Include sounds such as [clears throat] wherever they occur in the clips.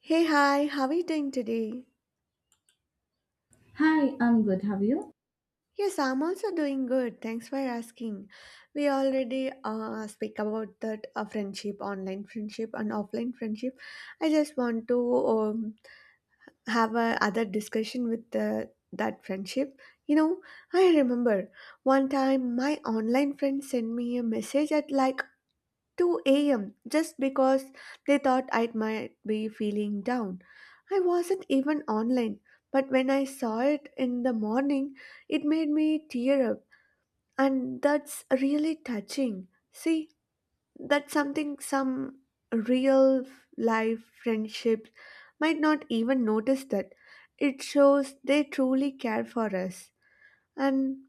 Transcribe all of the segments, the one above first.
Hey, hi, how are you doing today? Hi, I'm good. Have you? Yes, I'm also doing good. Thanks for asking. We already speak about that friendship, online friendship, and offline friendship. I just want to have a other discussion with that friendship. You know, I remember one time my online friend sent me a message at like 2 a.m. just because they thought I might be feeling down. I wasn't even online, but when I saw it in the morning, it made me tear up, and that's really touching. See, that's something some real f- life friendships might not even notice that. It shows they truly care for us. And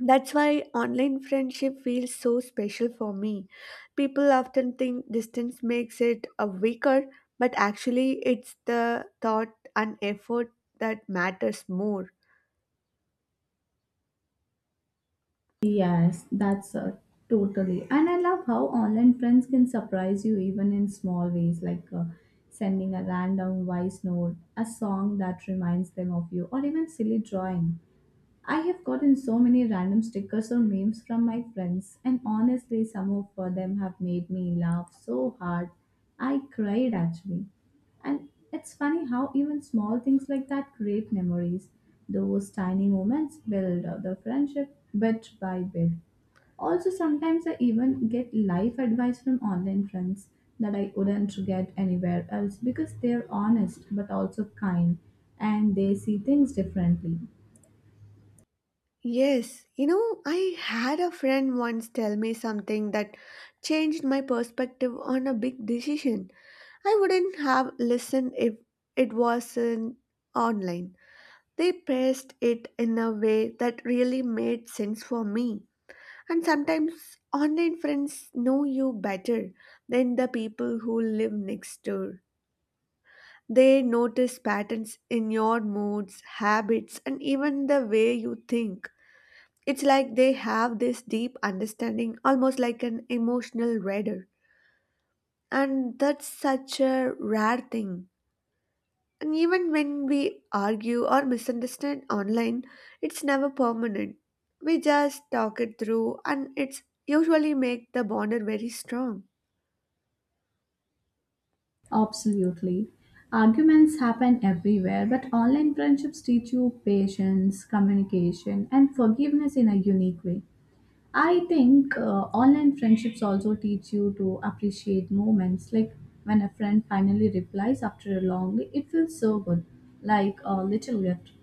that's why online friendship feels so special for me. People often think distance makes it a weaker, but actually it's the thought and effort that matters more. Yes, that's totally. And I love how online friends can surprise you even in small ways, like sending a random voice note, a song that reminds them of you, or even silly drawing. I have gotten so many random stickers or memes from my friends, and honestly, some of them have made me laugh so hard. I cried actually. And it's funny how even small things like that create memories. Those tiny moments build up the friendship bit by bit. Also, sometimes I even get life advice from online friends that I wouldn't get anywhere else because they're honest but also kind and they see things differently. Yes, you know, I had a friend once tell me something that changed my perspective on a big decision. I wouldn't have listened if it wasn't online. They pressed it in a way that really made sense for me. And sometimes online friends know you better than the people who live next door. They notice patterns in your moods, habits, and even the way you think. It's like they have this deep understanding, almost like an emotional radar. And that's such a rare thing. And even when we argue or misunderstand online, it's never permanent. We just talk it through, and it's usually make the bonder very strong. Absolutely. Arguments happen everywhere, but online friendships teach you patience, communication, and forgiveness in a unique way. I think online friendships also teach you to appreciate moments like when a friend finally replies after a long day, it feels so good, like a little gift.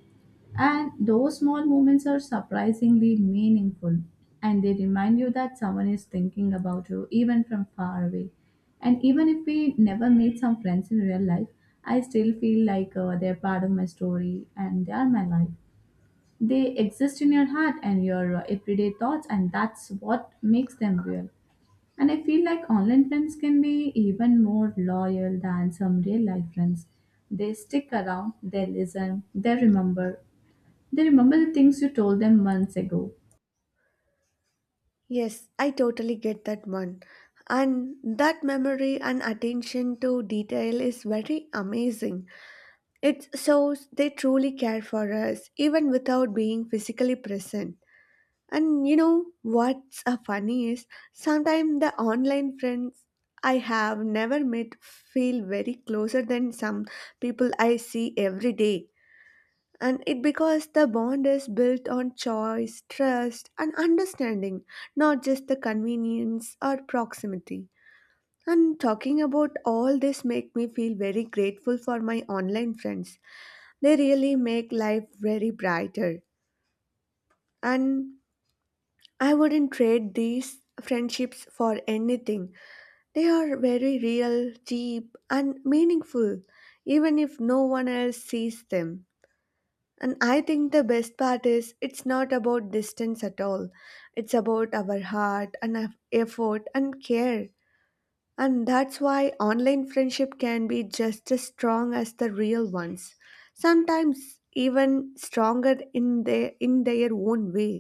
And those small moments are surprisingly meaningful and they remind you that someone is thinking about you even from far away. And even if we never meet some friends in real life, I still feel like they're part of my story and they are my life. They exist in your heart and your everyday thoughts, and that's what makes them real. And I feel like online friends can be even more loyal than some real life friends. They stick around, they listen, they remember. They remember the things you told them months ago. Yes, I totally get that one. And that memory and attention to detail is very amazing. It shows they truly care for us, even without being physically present. And you know what's funny is sometimes the online friends I have never met feel very closer than some people I see every day, and it because the bond is built on choice, trust, and understanding, not just the convenience or proximity. And talking about all this make me feel very grateful for my online friends. They really make life very brighter, and I wouldn't trade these friendships for anything. They are very real, deep, and meaningful, even if no one else sees them. And I think the best part is it's not about distance at all. It's about our heart and our effort and care. And that's why online friendship can be just as strong as the real ones. Sometimes even stronger in their own way.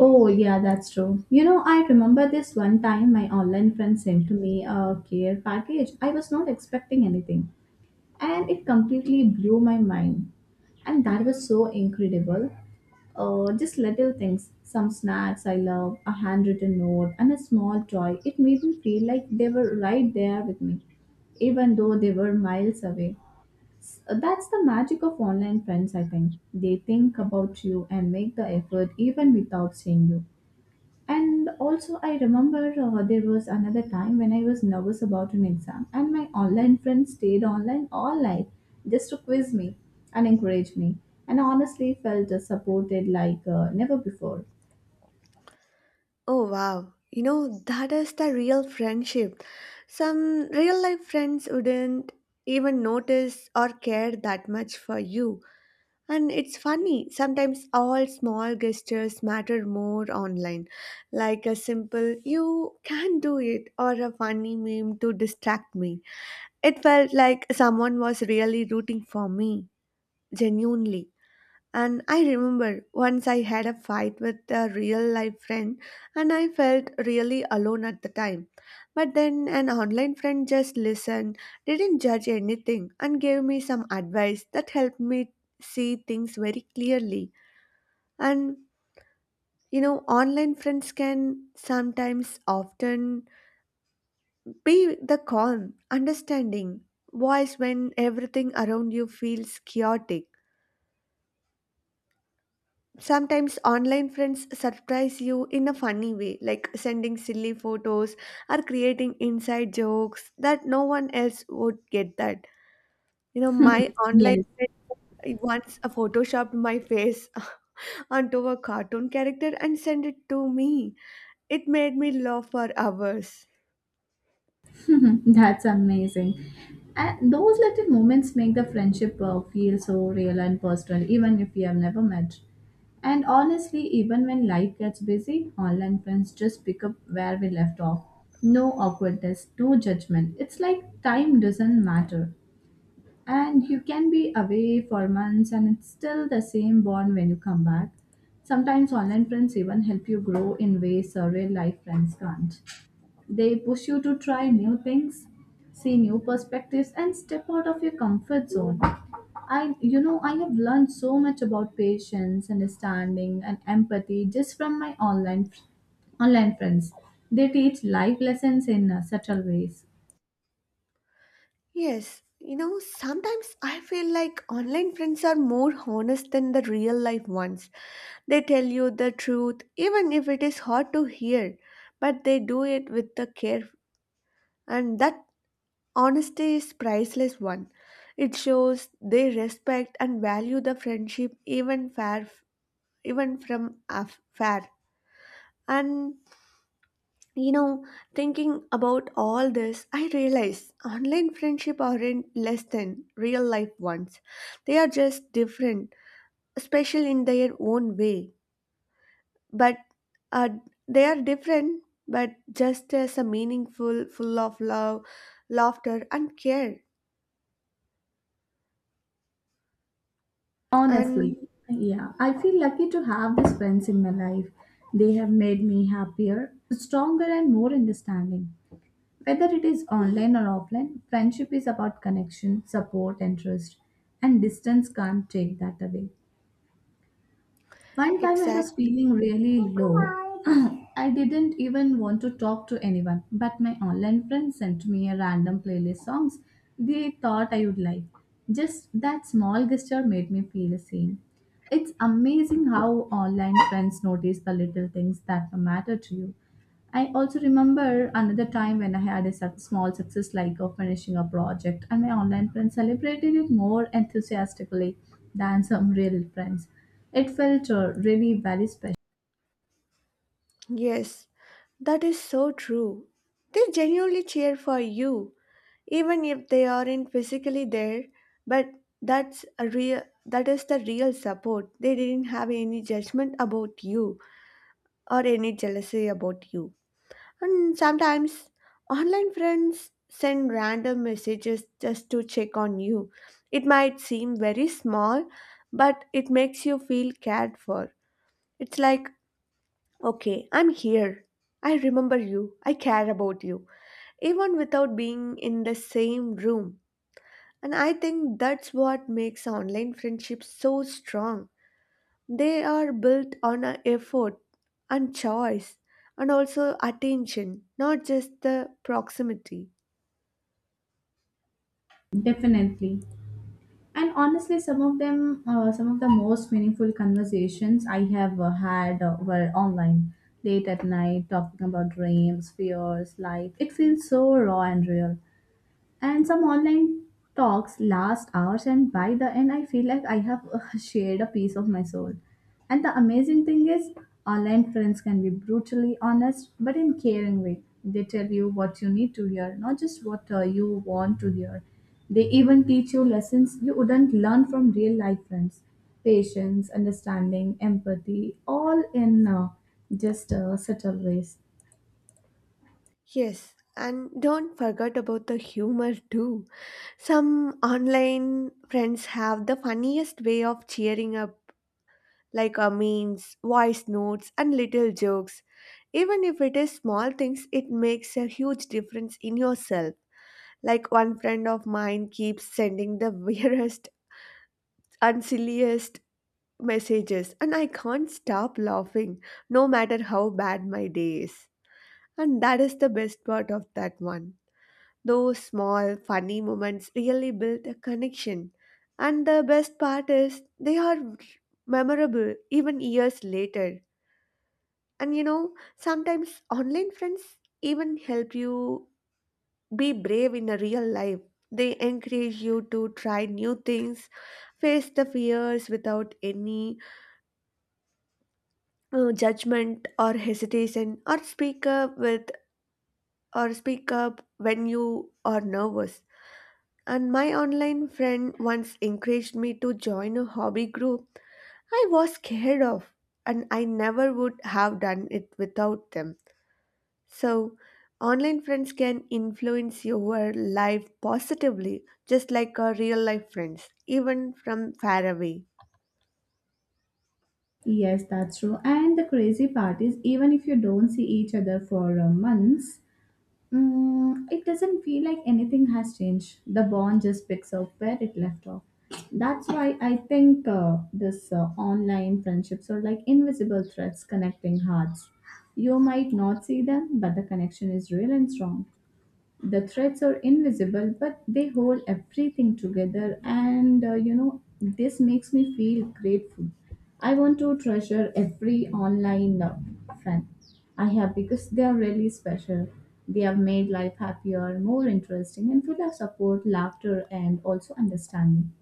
Oh, yeah, that's true. You know, I remember this one time my online friend sent to me a care package. I was not expecting anything, and it completely blew my mind. And that was so incredible. Just little things, some snacks I love, a handwritten note, and a small toy. It made me feel like they were right there with me, even though they were miles away. That's the magic of online friends, I think. They think about you and make the effort even without seeing you. And also, I remember there was another time when I was nervous about an exam, and my online friend stayed online all night just to quiz me and encourage me. And I honestly felt supported like never before. Oh wow. You know that is the real friendship. Some real life friends wouldn't even notice or care that much for you. And it's funny, sometimes all small gestures matter more online, like a simple, you can do it, or a funny meme to distract me. It felt like someone was really rooting for me, genuinely. And I remember once I had a fight with a real life friend and I felt really alone at the time. But then an online friend just listened, didn't judge anything, and gave me some advice that helped me see things very clearly. And you know, online friends can sometimes often be the calm, understanding voice when everything around you feels chaotic. Sometimes online friends surprise you in a funny way, like sending silly photos or creating inside jokes that no one else would get that. You know, my online Yes. friend once photoshopped my face [laughs] onto a cartoon character and sent it to me. It made me laugh for hours. [laughs] That's amazing. And those little moments make the friendship feel so real and personal, even if you have never met. And honestly, even when life gets busy, online friends just pick up where we left off. No awkwardness, no judgment. It's like time doesn't matter. And you can be away for months and it's still the same bond when you come back. Sometimes online friends even help you grow in ways real life friends can't. They push you to try new things, see new perspectives, and step out of your comfort zone. I have learned so much about patience, understanding, and empathy just from my online friends. They teach life lessons in subtle ways. Yes, you know, sometimes I feel like online friends are more honest than the real life ones. They tell you the truth, even if it is hard to hear, but they do it with the care, and that honesty is priceless one. It shows they respect and value the friendship even fair, even from far. And you know, thinking about all this, I realize online friendship aren't less than real life ones. They are just different, special in their own way. But uh, they are different, but just as a meaningful, full of love, laughter, and care. And Honestly, yeah, I feel lucky to have these friends in my life. They have made me happier, stronger, and more understanding. Whether it is online or offline, friendship is about connection, support, and trust, and distance can't take that away. One time I was exactly. feeling really low. [clears throat] I didn't even want to talk to anyone, but my online friend sent me a random playlist songs they thought I would like. Just that small gesture made me feel the same. It's amazing how online friends notice the little things that matter to you. I also remember another time when I had a small success like of finishing a project, and my online friends celebrated it more enthusiastically than some real friends. It felt really very special, Yes, that is so true. They genuinely cheer for you, even if they aren't physically there. But that is the real support. They didn't have any judgment about you or any jealousy about you. And sometimes online friends send random messages just to check on you. It might seem very small, but it makes you feel cared for. It's like, okay, I'm here. I remember you. I care about you, even without being in the same room. And I think that's what makes online friendships so strong. They are built on a effort and choice and also attention, not just the proximity. definitely. And honestly, some of them, some of the most meaningful conversations I have had were online, late at night, talking about dreams, fears, life. It feels so raw and real. And some online talks last hours and by the end I feel like I have [laughs] shared a piece of my soul. And the amazing thing is online friends can be brutally honest but in caring way. They tell you what you need to hear, not just what you want to hear. They even teach you lessons you wouldn't learn from real life friends. Patience, understanding, empathy, all in just subtle ways. Yes, and don't forget about the humor too. Some online friends have the funniest way of cheering up like memes, voice notes, and little jokes. Even if it is small things, it makes a huge difference in yourself. Like one friend of mine keeps sending the [laughs] weirdest and silliest messages, and I can't stop laughing no matter how bad my day is. And that is the best part of that one. Those small, funny moments really build a connection. And the best part is they are memorable even years later. And you know, sometimes online friends even help you be brave in a real life. They encourage you to try new things, face the fears without any judgment or hesitation, or speak up when you are nervous. And my online friend once encouraged me to join a hobby group I was scared of, and I never would have done it without them. So, online friends can influence your life positively, just like our real life friends, even from far away. Yes, that's true. And the crazy part is, even if you don't see each other for months, it doesn't feel like anything has changed. The bond just picks up where it left off. That's why I think this online friendships are like invisible threads connecting hearts. You might not see them, but the connection is real and strong. The threads are invisible but they hold everything together. And you know, this makes me feel grateful. I want to treasure every online friend I have because they are really special. They have made life happier, more interesting, and full of support, laughter, and also understanding.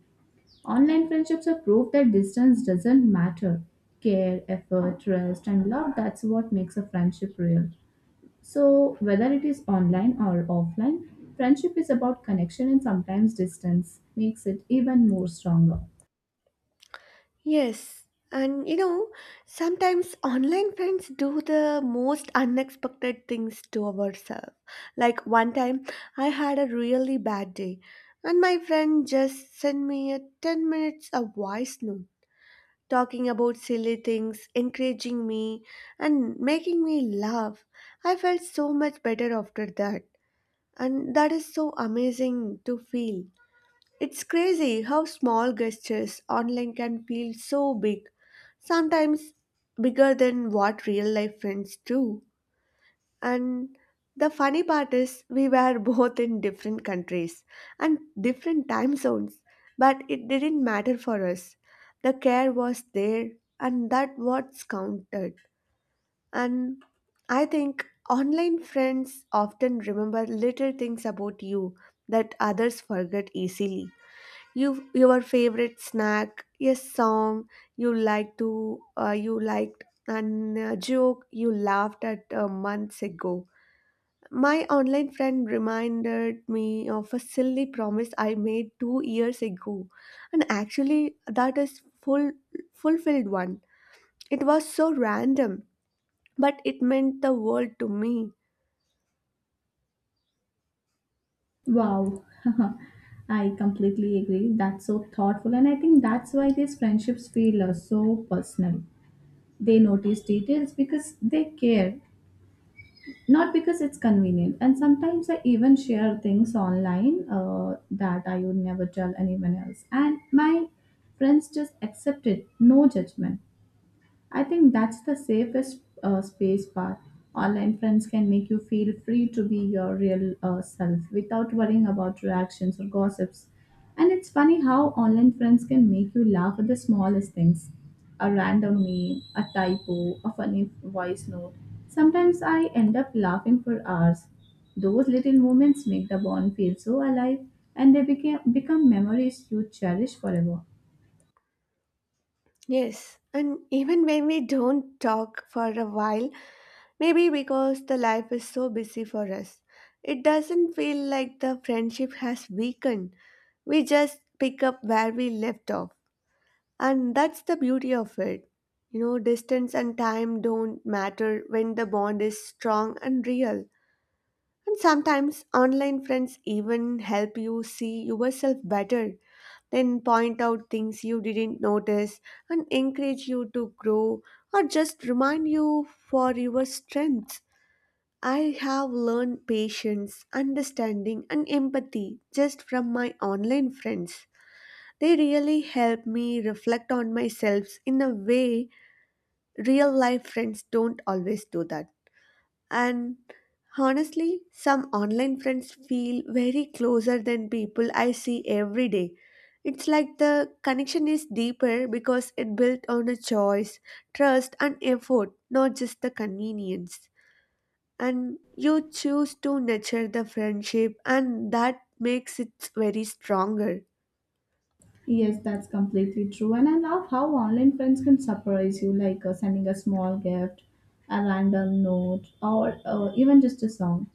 Online friendships are proof that distance doesn't matter. Care, effort, trust, and love, that's what makes a friendship real. So, whether it is online or offline, friendship is about connection, and sometimes distance makes it even more stronger. Yes, and you know, sometimes online friends do the most unexpected things to ourselves. Like one time, I had a really bad day, and my friend just sent me a 10 minutes of voice note talking about silly things, encouraging me, and making me laugh. I felt so much better after that, and that is so amazing to feel. It's crazy how small gestures online can feel so big, sometimes bigger than what real life friends do. And the funny part is, we were [laughs] both in different countries and different time zones, but it didn't matter for us. The care was there, and that what's counted. And I think online friends often remember little things about you that others forget easily. You, your favorite snack, a song you liked, and a joke you laughed at months ago. My online friend reminded me of a silly promise I made 2 years ago, and actually, that is full fulfilled one. It was so random, but it meant the world to me. Wow, [laughs] I completely agree. That's so thoughtful, and I think that's why these friendships feel so personal. They notice details because they care, not because it's convenient. And sometimes I even share things online that I would never tell anyone else, and my friends just accept it, no judgment. I think that's the safest space part. Online friends can make you feel free to be your real self without worrying about reactions or gossips. And it's funny how online friends can make you laugh at the smallest things, a random meme, a typo, a funny voice note. Sometimes I end up laughing for hours. Those little moments make the bond feel so alive and they become memories you cherish forever. Yes, and even when we don't talk for a while, maybe because the life is so busy for us, it doesn't feel like the friendship has weakened. We just pick up where we left off. And that's the beauty of it. You know, distance and time don't matter when the bond is strong and real. And sometimes online friends even help you see yourself better, then point out things you didn't notice and encourage you to grow or just remind you for your strengths. I have learned patience, understanding, and empathy just from my online friends. They really help me reflect on myself in a way real life friends don't always do that. And honestly, some online friends feel very closer than people I see every day. It's like the connection is deeper because it built on a choice, trust, and effort, not just the convenience. And you choose to nurture the friendship, and that makes it very stronger. Yes, that's completely true. And I love how online friends can surprise you, like sending a small gift, a random note, or even just a song.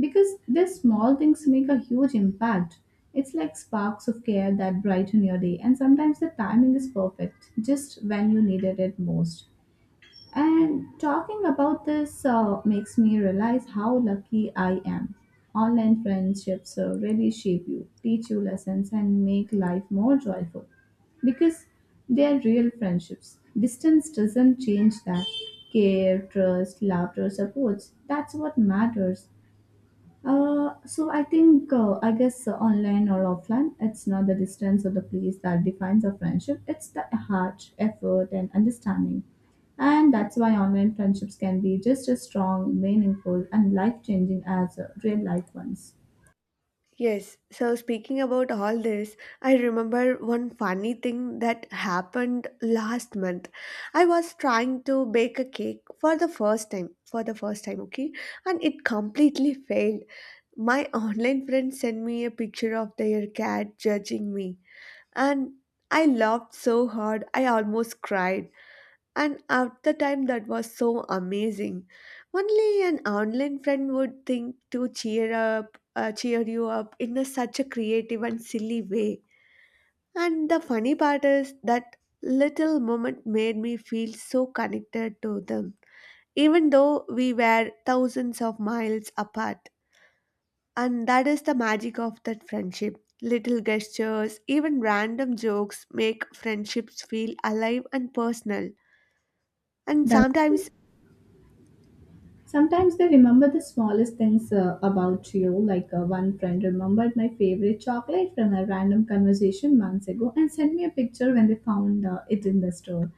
Because these small things make a huge impact. It's like sparks of care that brighten your day, and sometimes the timing is perfect, just when you needed it most. And talking about this makes me realize how lucky I am. Online friendships really shape you, teach you lessons, and make life more joyful because they are real friendships. Distance doesn't change that. Care, trust, laughter, supports, that's what matters. So I think I guess online or offline, it's not the distance or the place that defines a friendship. It's the heart, effort, and understanding. And that's why online friendships can be just as strong, meaningful, and life changing as real life ones. Yes, so speaking about all this, I remember one funny thing that happened last month. I was trying to bake a cake for the first time, okay, and it completely failed. My online friend sent me a picture of their cat judging me, and I laughed so hard I almost cried. And at the time, that was so amazing. Only an online friend would think to cheer you up in a, such a creative and silly way. And the funny part is that little moment made me feel so connected to them, even though we were thousands of miles apart. And that is the magic of that friendship. Little gestures, even random jokes, make friendships feel alive and personal. And That's true. sometimes, Sometimes they remember the smallest things about you, like one friend remembered my favorite chocolate from a random conversation months ago and sent me a picture when they found it in the store.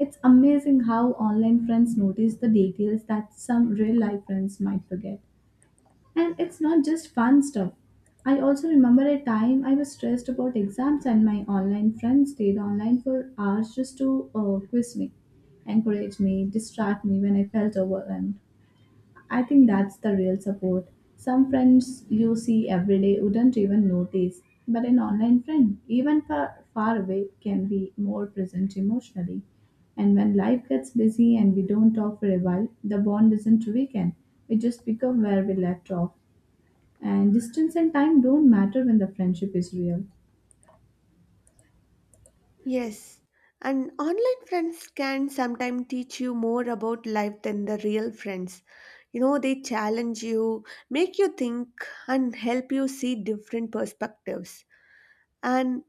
It's amazing how online friends notice the details that some real life friends might forget. And it's not just fun stuff. I also remember a time I was stressed about exams, and my online friend stayed online for hours just to quiz me, encourage me, distract me when I felt overwhelmed. I think that's the real support. Some friends you see every day wouldn't even notice, but an online friend, even far, far away, can be more present emotionally. And when life gets busy and we don't talk for a while, the bond isn't weakened. We just pick up where we left off. And distance and time don't matter when the friendship is real. yes, and online friends can sometimes teach you more about life than the real friends. You know, they challenge you, make you think, and help you see different perspectives. And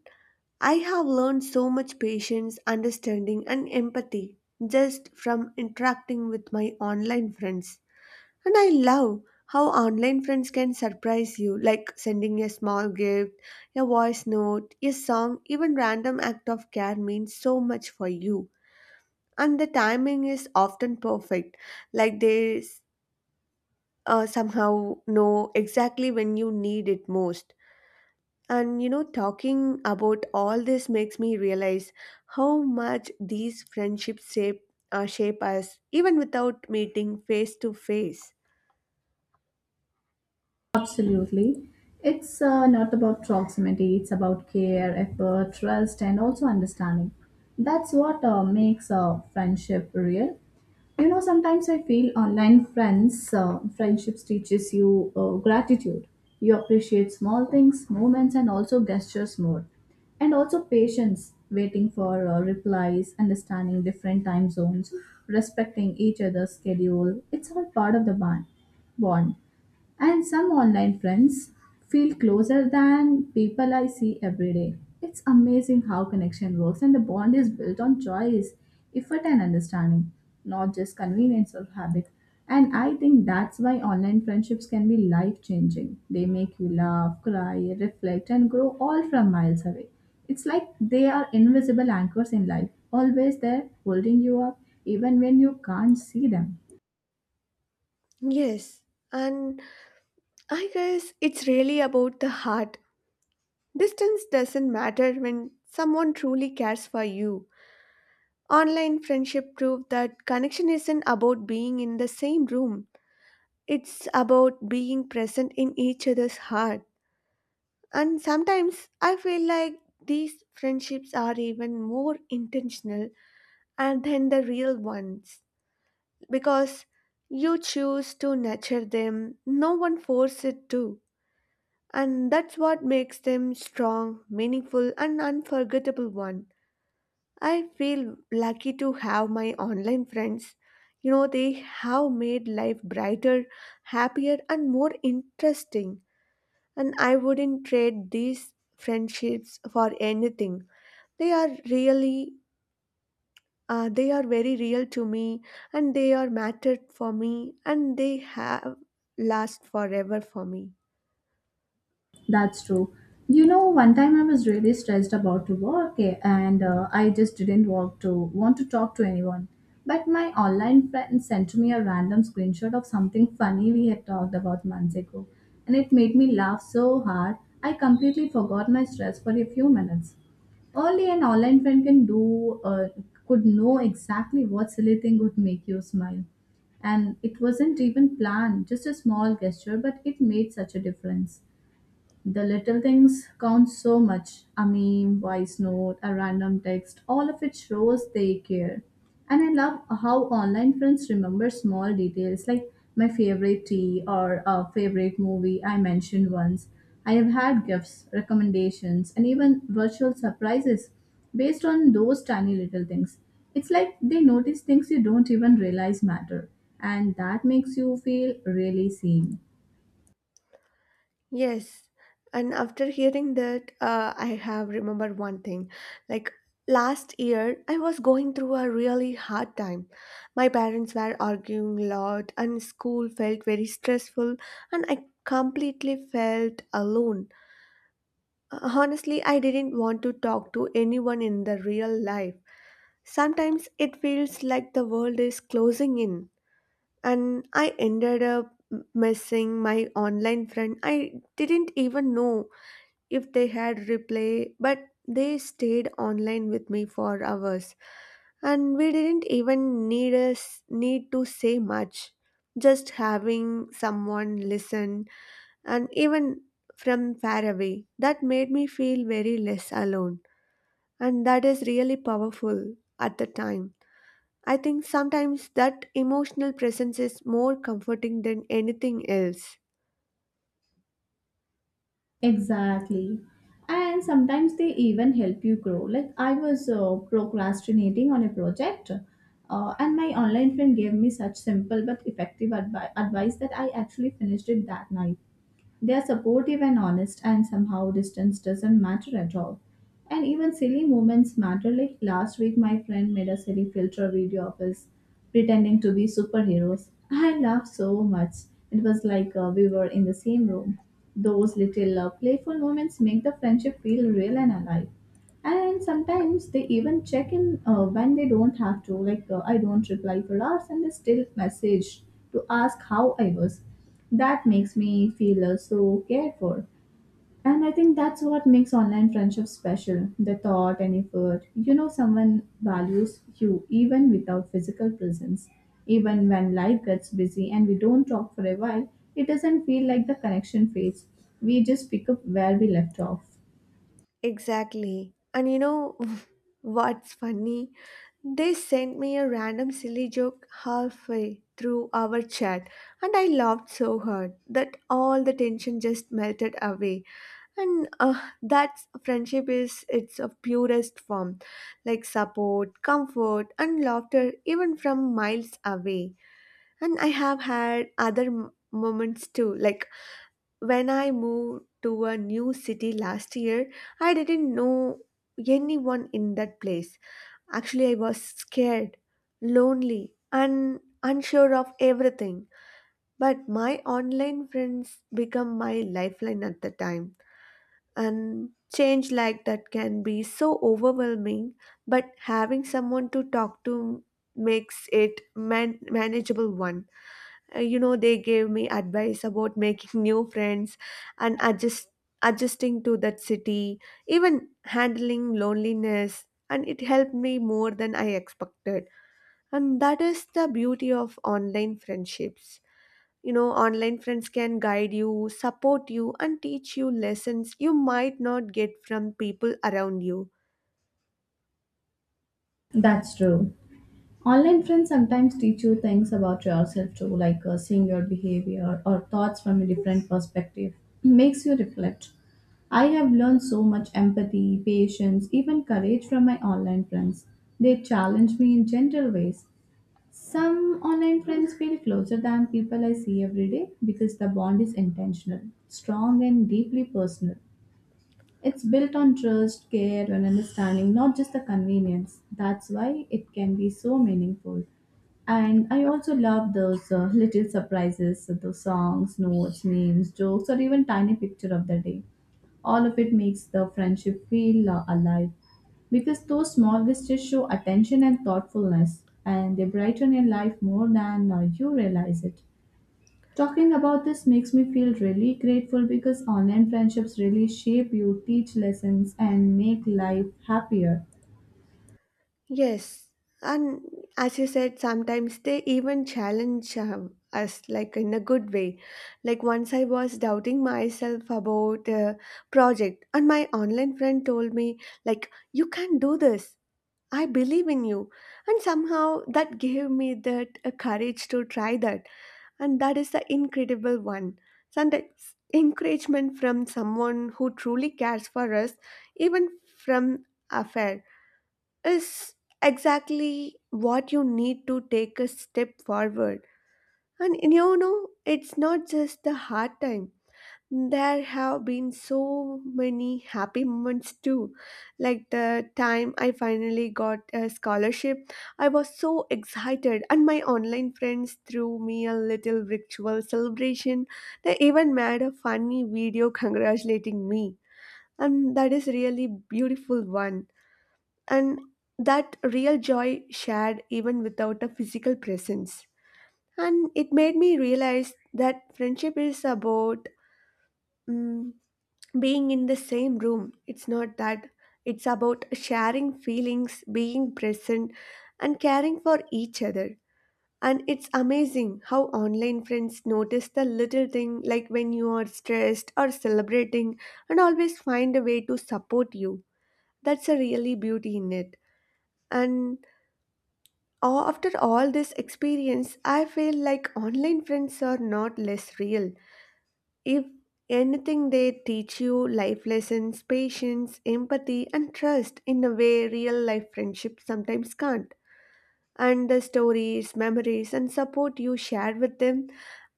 I have learned so much patience, understanding, and empathy just from interacting with my online friends. And I love how online friends can surprise you, like sending a small gift, a voice note, a song, even random act of care means so much for you. And the timing is often perfect, like they somehow know exactly when you need it most. And talking about all this makes me realize how much these friendships shape us, even without meeting face to face. Absolutely. It's not about proximity, it's about care, effort, trust, and also understanding. That's what makes a friendship real. You know, sometimes I feel online friendships teaches you gratitude. You appreciate small things, moments, and also gestures more. And also patience, waiting for replies, understanding different time zones, respecting each other's schedule. It's all part of the bond. And some online friends feel closer than people I see every day. It's amazing how connection works, and the bond is built on choice, effort, and understanding, not just convenience or habit. And I think that's why online friendships can be life changing. They make you laugh, cry, reflect, and grow all from miles away. It's like they are invisible anchors in life, always there, holding you up, even when you can't see them. Yes, and I guess it's really about the heart. Distance doesn't matter when someone truly cares for you. Online friendship proved that connection isn't about being in the same room, it's about being present in each other's heart. And sometimes I feel like these friendships are even more intentional and than the real ones because you choose to nurture them, no one forces it to. And that's what makes them strong, meaningful, and unforgettable one. I feel lucky to have my online friends. They have made life brighter, happier, and more interesting. And I wouldn't trade these friendships for anything. They are really, they are very real to me, and they are mattered for me, and they have last forever for me. That's true. You know, one time I was really stressed about to work and I just didn't want to talk to anyone. But my online friend sent me a random screenshot of something funny we had talked about months ago, and it made me laugh so hard I completely forgot my stress for a few minutes. Only an online friend can do could know exactly what silly thing would make you smile. And it wasn't even planned, just a small gesture, but it made such a difference. The little things count so much: a meme, voice note, a random text. All of it shows they care. And I love how online friends remember small details like my favorite tea or a favorite movie I mentioned once. I have had gifts, recommendations, and even virtual surprises based on those tiny little things. It's like they notice things you don't even realize matter, and that makes you feel really seen. Yes, and after hearing that, I have remembered one thing. Like last year, I was going through a really hard time. My parents were arguing a lot, and school felt very stressful, and I completely felt alone. Honestly, I didn't want to talk to anyone in the real life. Sometimes it feels like the world is closing in, and I ended up missing my online friend. I didn't even know if they had replay, but they stayed online with me for hours. And we didn't even need to say much. Just having someone listen and even from far away, that made me feel very less alone. And that is really powerful at the time. I think sometimes that emotional presence is more comforting than anything else. Exactly. And sometimes they even help you grow. Like I was procrastinating on a project, and my online friend gave me such simple but effective advice that I actually finished it that night. They are supportive and honest, and somehow distance doesn't matter at all. And even silly moments matter. Like last week, my friend made a silly filter video of us pretending to be superheroes. I laughed so much. It was like we were in the same room. Those little playful moments make the friendship feel real and alive. And sometimes they even check in when they don't have to. Like I don't reply for hours and they still message to ask how I was. That makes me feel so cared for. And I think that's what makes online friendship special: the thought and effort. You know someone values you even without physical presence. Even when life gets busy and we don't talk for a while, it doesn't feel like the connection fades. We just pick up where we left off. Exactly. And you know [laughs] what's funny? They sent me a random silly joke halfway through our chat, and I laughed so hard that all the tension just melted away. And that friendship is its a purest form, like support, comfort, and laughter, even from miles away. And I have had other moments too, like when I moved to a new city last year, I didn't know anyone in that place. Actually, I was scared, lonely, and unsure of everything. But my online friends become my lifeline at the time. And change like that can be so overwhelming, but having someone to talk to makes it manageable one. You know they gave me advice about making [laughs] new friends and adjusting to that city, even handling loneliness, and it helped me more than I expected. And that is the beauty of online friendships. You know, online friends can guide you, support you, and teach you lessons you might not get from people around you. That's true. Online friends sometimes teach you things about yourself too, like seeing your behavior or thoughts from a different perspective. Makes you reflect. I have learned so much empathy, patience, even courage from my online friends. They challenge me in gentle ways. Some online friends feel closer than people I see every day because the bond is intentional, strong, and deeply personal. It's built on trust, care, and understanding, not just the convenience. That's why it can be so meaningful. And I also love those little surprises, so those songs, notes, memes, jokes, or even tiny picture of the day. All of it makes the friendship feel alive, because those small gestures show attention and thoughtfulness, and they brighten your life more than you realize it. Talking about this makes me feel really grateful because online friendships really shape you, teach lessons, and make life happier. Yes, and as you said, sometimes they even challenge us, like in a good way. Like once I was doubting myself about a project, and my online friend told me, like, you can do this. I believe in you. And somehow that gave me that courage to try that. And that is the incredible one. Sometimes encouragement from someone who truly cares for us, even from afar, is exactly what you need to take a step forward. And you know, it's not just the hard time. There have been so many happy moments too. Like the time I finally got a scholarship, I was so excited, and my online friends threw me a little virtual celebration. They even made a funny video congratulating me, and that is really beautiful one, and that real joy shared even without a physical presence. And it made me realize that friendship is about mm, being in the same room. It's not that, it's about sharing feelings, being present, and caring for each other. And it's amazing how online friends notice the little thing like when you are stressed or celebrating and always find a way to support you. That's a really beauty in it. And After all this experience, I feel like online friends are not less real. If anything, they teach you life lessons, patience, empathy, and trust in a way real life friendships sometimes can't. And the stories, memories, and support you share with them,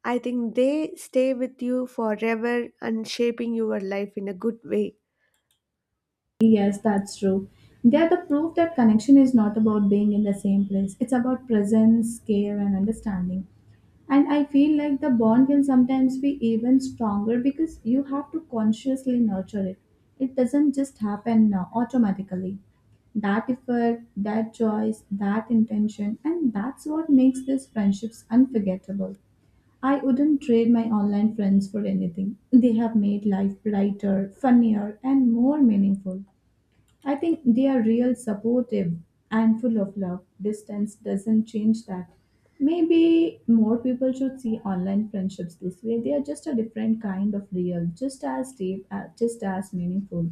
I think they stay with you forever and shaping your life in a good way. Yes, that's true. They are the proof that connection is not about being in the same place. It's about presence, care, and understanding. And I feel like the bond can sometimes be even stronger because you have to consciously nurture it. It doesn't just happen automatically. That effort, that choice, that intention, and that's what makes these friendships unforgettable. I wouldn't trade my online friends for anything. They have made life brighter, funnier, and more meaningful. I think they are real supportive and full of love. Distance doesn't change that. Maybe more people should see online friendships this way. They are just a different kind of real, just as deep, just as meaningful.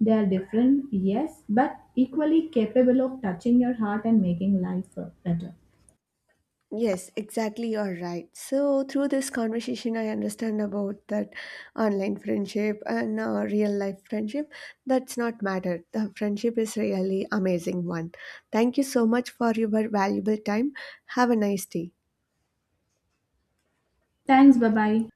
They are different, yes, but equally capable of touching your heart and making life better. Yes, exactly. You're right. So, through this conversation, I understand about that online friendship and real life friendship. That's not matter. The friendship is really amazing one. Thank you so much for your valuable time. Have a nice day. Thanks, bye bye.